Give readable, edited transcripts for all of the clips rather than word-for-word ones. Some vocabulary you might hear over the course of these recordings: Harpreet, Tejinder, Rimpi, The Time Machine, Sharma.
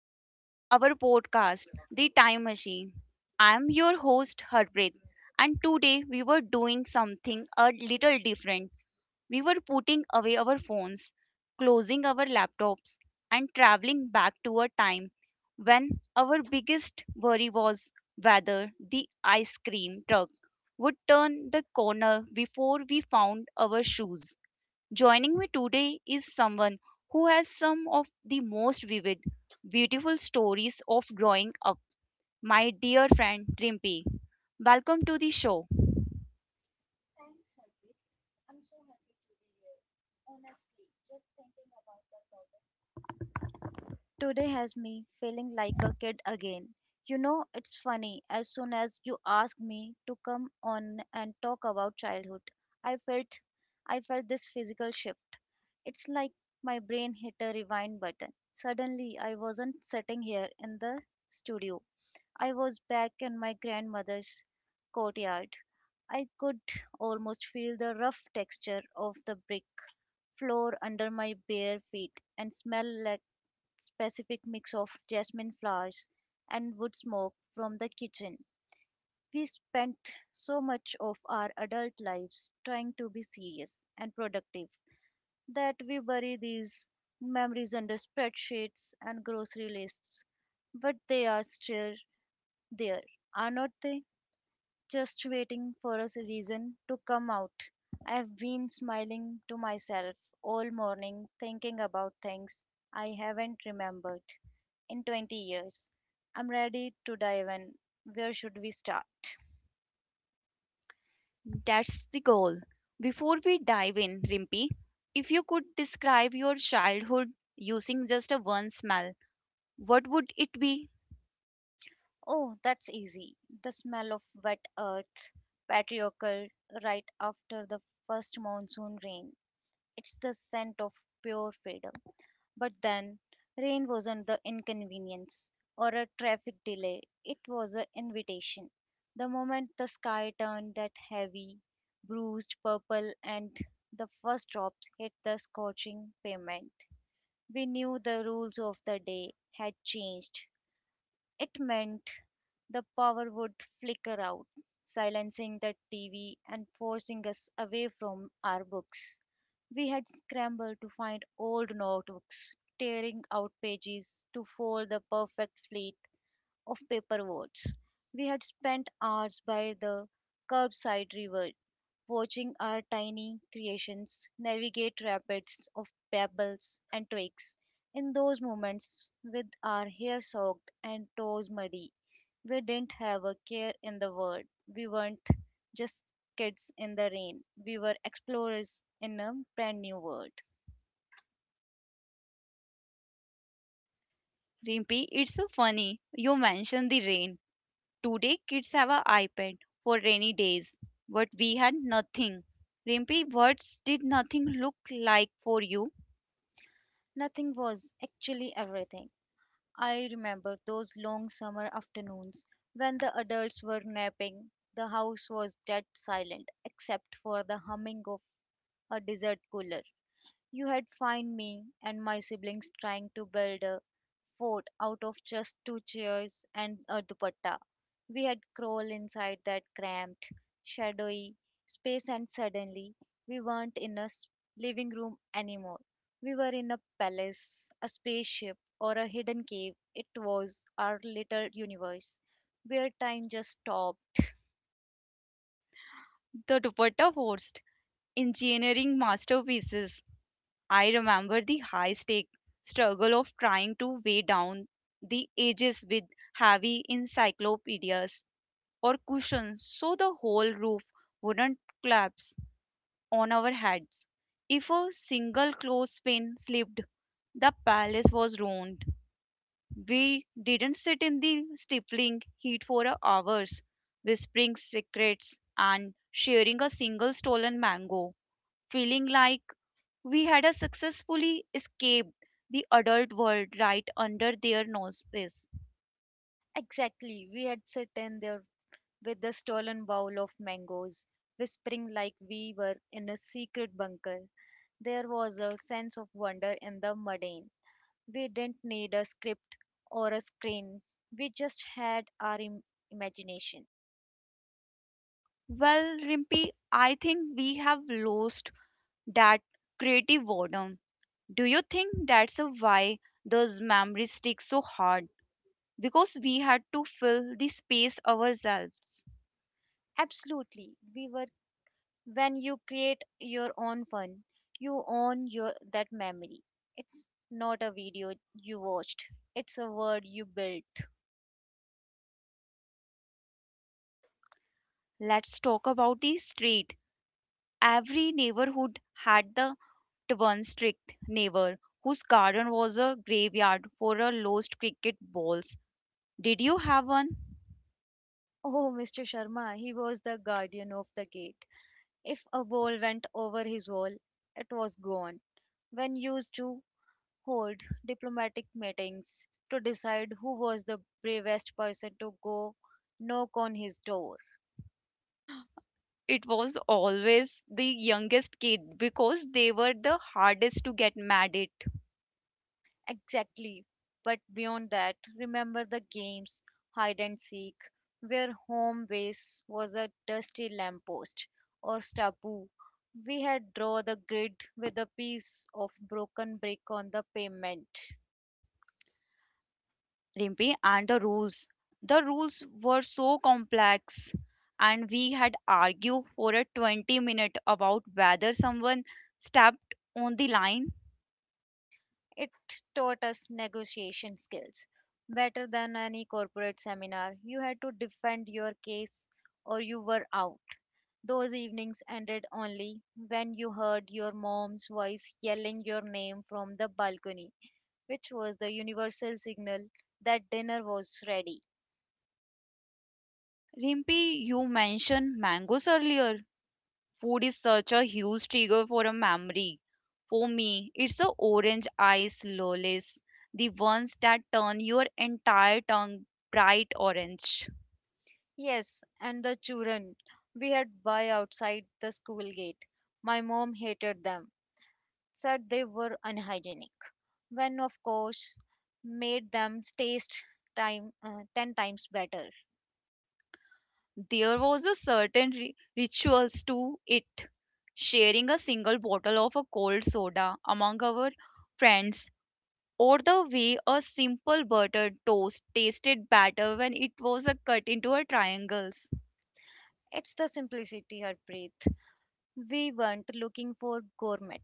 to our podcast, The Time Machine. I am your host, Harpreet, and today we were doing something a little different. We were putting away our phones, closing our laptops, and traveling back to a time when our biggest worry was whether the ice cream truck would turn the corner before we found our shoes. Joining me today is someone who has some of the most vivid, beautiful stories of growing up. My dear friend Rimpi, welcome to the show. Thanks, Harpreet. I'm so happy to be here. Honestly, just thinking about the topic today has me feeling like a kid again. You know, it's funny, as soon as you asked me to come on and talk about childhood, I felt I felt this physical shift. It's like my brain hit a rewind button. Suddenly, I wasn't sitting here in the studio. I was back in my grandmother's courtyard. I could almost feel the rough texture of the brick floor under my bare feet and smell like specific mix of jasmine flowers and wood smoke from the kitchen. We spent so much of our adult lives trying to be serious and productive that we bury these memories under spreadsheets and grocery lists, but they are still there, are not they? Just waiting for reason to come out. I've been smiling to myself all morning, thinking about things I haven't remembered in 20 years. I'm ready to dive in. Where should we start? That's the goal. Before we dive in, Rimpi, if you could describe your childhood using just a one smell, what would it be? Oh, that's easy. The smell of wet earth, patriarchal, right after the first monsoon rain. It's the scent of pure freedom. But then, rain wasn't the inconvenience or a traffic delay, it was an invitation. The moment the sky turned that heavy, bruised purple and the first drops hit the scorching pavement, we knew the rules of the day had changed. It meant the power would flicker out, silencing the TV and forcing us away from our books. We had scrambled to find old notebooks, tearing out pages to fold the perfect fleet of paper words. We had spent hours by the curbside river watching our tiny creations navigate rapids of pebbles and twigs. In those moments, with our hair soaked and toes muddy, we didn't have a care in the world. We weren't just kids in the rain, we were explorers in a brand new world. Rimpi, it's so funny. You mentioned the rain. Today, kids have an iPad for rainy days, but we had nothing. Rimpy, what did nothing look like for you? Nothing was actually everything. I remember those long summer afternoons when the adults were napping. The house was dead silent except for the humming of a desert cooler. You had find me and my siblings trying to build a fort out of just two chairs and a dupatta. We had crawled inside that cramped, shadowy space and suddenly we weren't living room anymore. We were in a palace, a spaceship, or a hidden cave. It was our little universe where time just stopped. The dupatta forced engineering masterpieces. I remember the high-stake struggle of trying to weigh down the edges with heavy encyclopedias or cushions so the whole roof wouldn't collapse on our heads. If a single clothespin slipped, the palace was ruined. We didn't sit in the stifling heat for hours, whispering secrets and sharing a single stolen mango, feeling like we had a successfully escaped the adult world right under their noses. Exactly, we had sat in there with the stolen bowl of mangoes, whispering like we were in a secret bunker. There was a sense of wonder in the mundane. We didn't need a script or a screen, we just had imagination. Well, Rimpy, I think we have lost that creative boredom. Do you think that's a why those memories stick so hard? Because we had to fill the space ourselves. Absolutely, we were. When you create your own fun, you own your that memory. It's not a video you watched, it's a word you built. Let's talk about the street. Every neighborhood had the one strict neighbor whose garden was a graveyard for a lost cricket balls. Did you have one? Oh, Mr. Sharma, he was the guardian of the gate. If a ball went over his wall, it was gone. When used to hold diplomatic meetings to decide who was the bravest person to go knock on his door. It was always the youngest kid because they were the hardest to get mad at. Exactly. But beyond that, remember the games hide and seek, where home base was a dusty lamppost or stubble. We had draw the grid with a piece of broken brick on the pavement. Rimpi and the rules. The rules were so complex and we had argued for a 20-minute about whether someone stepped on the line. It taught us negotiation skills better than any corporate seminar. You had to defend your case or you were out. Those evenings ended only when you heard your mom's voice yelling your name from the balcony, which was the universal signal that dinner was ready. Rimpi, you mentioned mangoes earlier. Food is such a huge trigger for a memory. For me, it's the orange ice lollies, the ones that turn your entire tongue bright orange. Yes, and the children we had buy outside the school gate. My mom hated them said they were unhygienic, when of course made them taste time 10 times better. There was a certain rituals to it. Sharing a single bottle of a cold soda among our friends, or the way a simple buttered toast tasted better when it was cut into a triangles. It's the simplicity, Harpreet. We weren't looking for gourmet.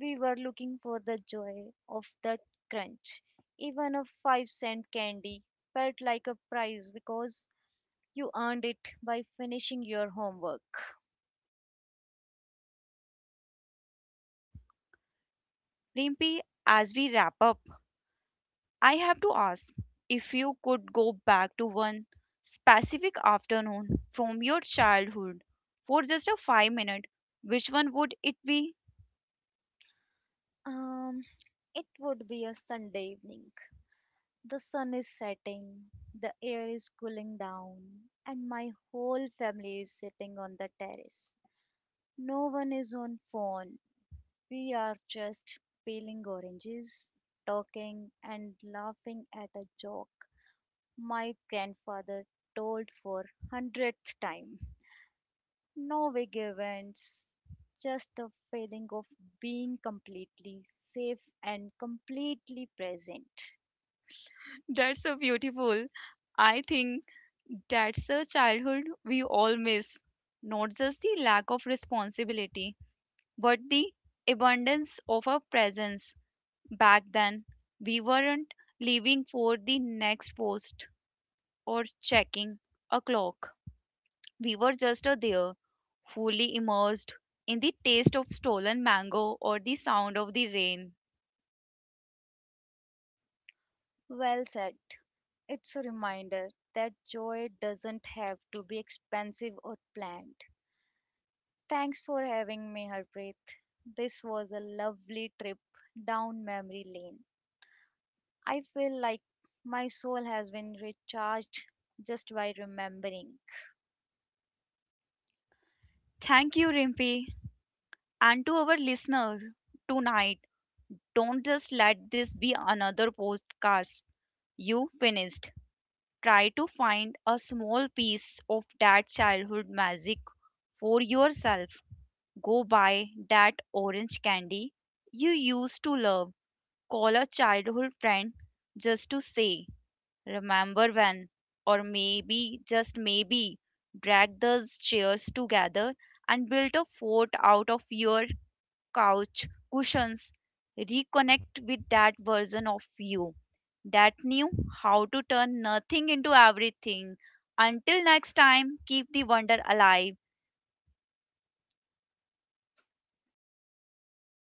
We were looking for the joy of the crunch. Even a 5¢ candy felt like a prize because you earned it by finishing your homework. Rimpi, as we wrap up, I have to ask if you could go back to one specific afternoon from your childhood for just a 5 minute, which one would it be? Um, it would be a Sunday evening. The sun is setting, the air is cooling down, and my whole family is sitting on the terrace. No one is on phone. We are just peeling oranges, talking, and laughing at a joke my grandfather told for 100th time. No big events, just the feeling of being completely safe and completely present. That's so beautiful. I think that's a childhood we all miss. Not just the lack of responsibility, but the abundance of our presence. Back then, we weren't living for the next post or checking a clock. We were just there, fully immersed in the taste of stolen mango or the sound of the rain. Well said. It's a reminder that joy doesn't have to be expensive or planned. Thanks for having me, Harpreet. This was a lovely trip down memory lane. I feel like my soul has been recharged just by remembering. Thank you, Rimpi. And to our listener, tonight, don't just let this be another podcast. You finished. Try to find a small piece of that childhood magic for yourself. Go buy that orange candy you used to love. Call a childhood friend just to say Remember when, or maybe, just maybe, dragged those chairs together and built a fort out of your couch cushions. Reconnect with that version of you that knew how to turn nothing into everything. Until next time, keep the wonder alive.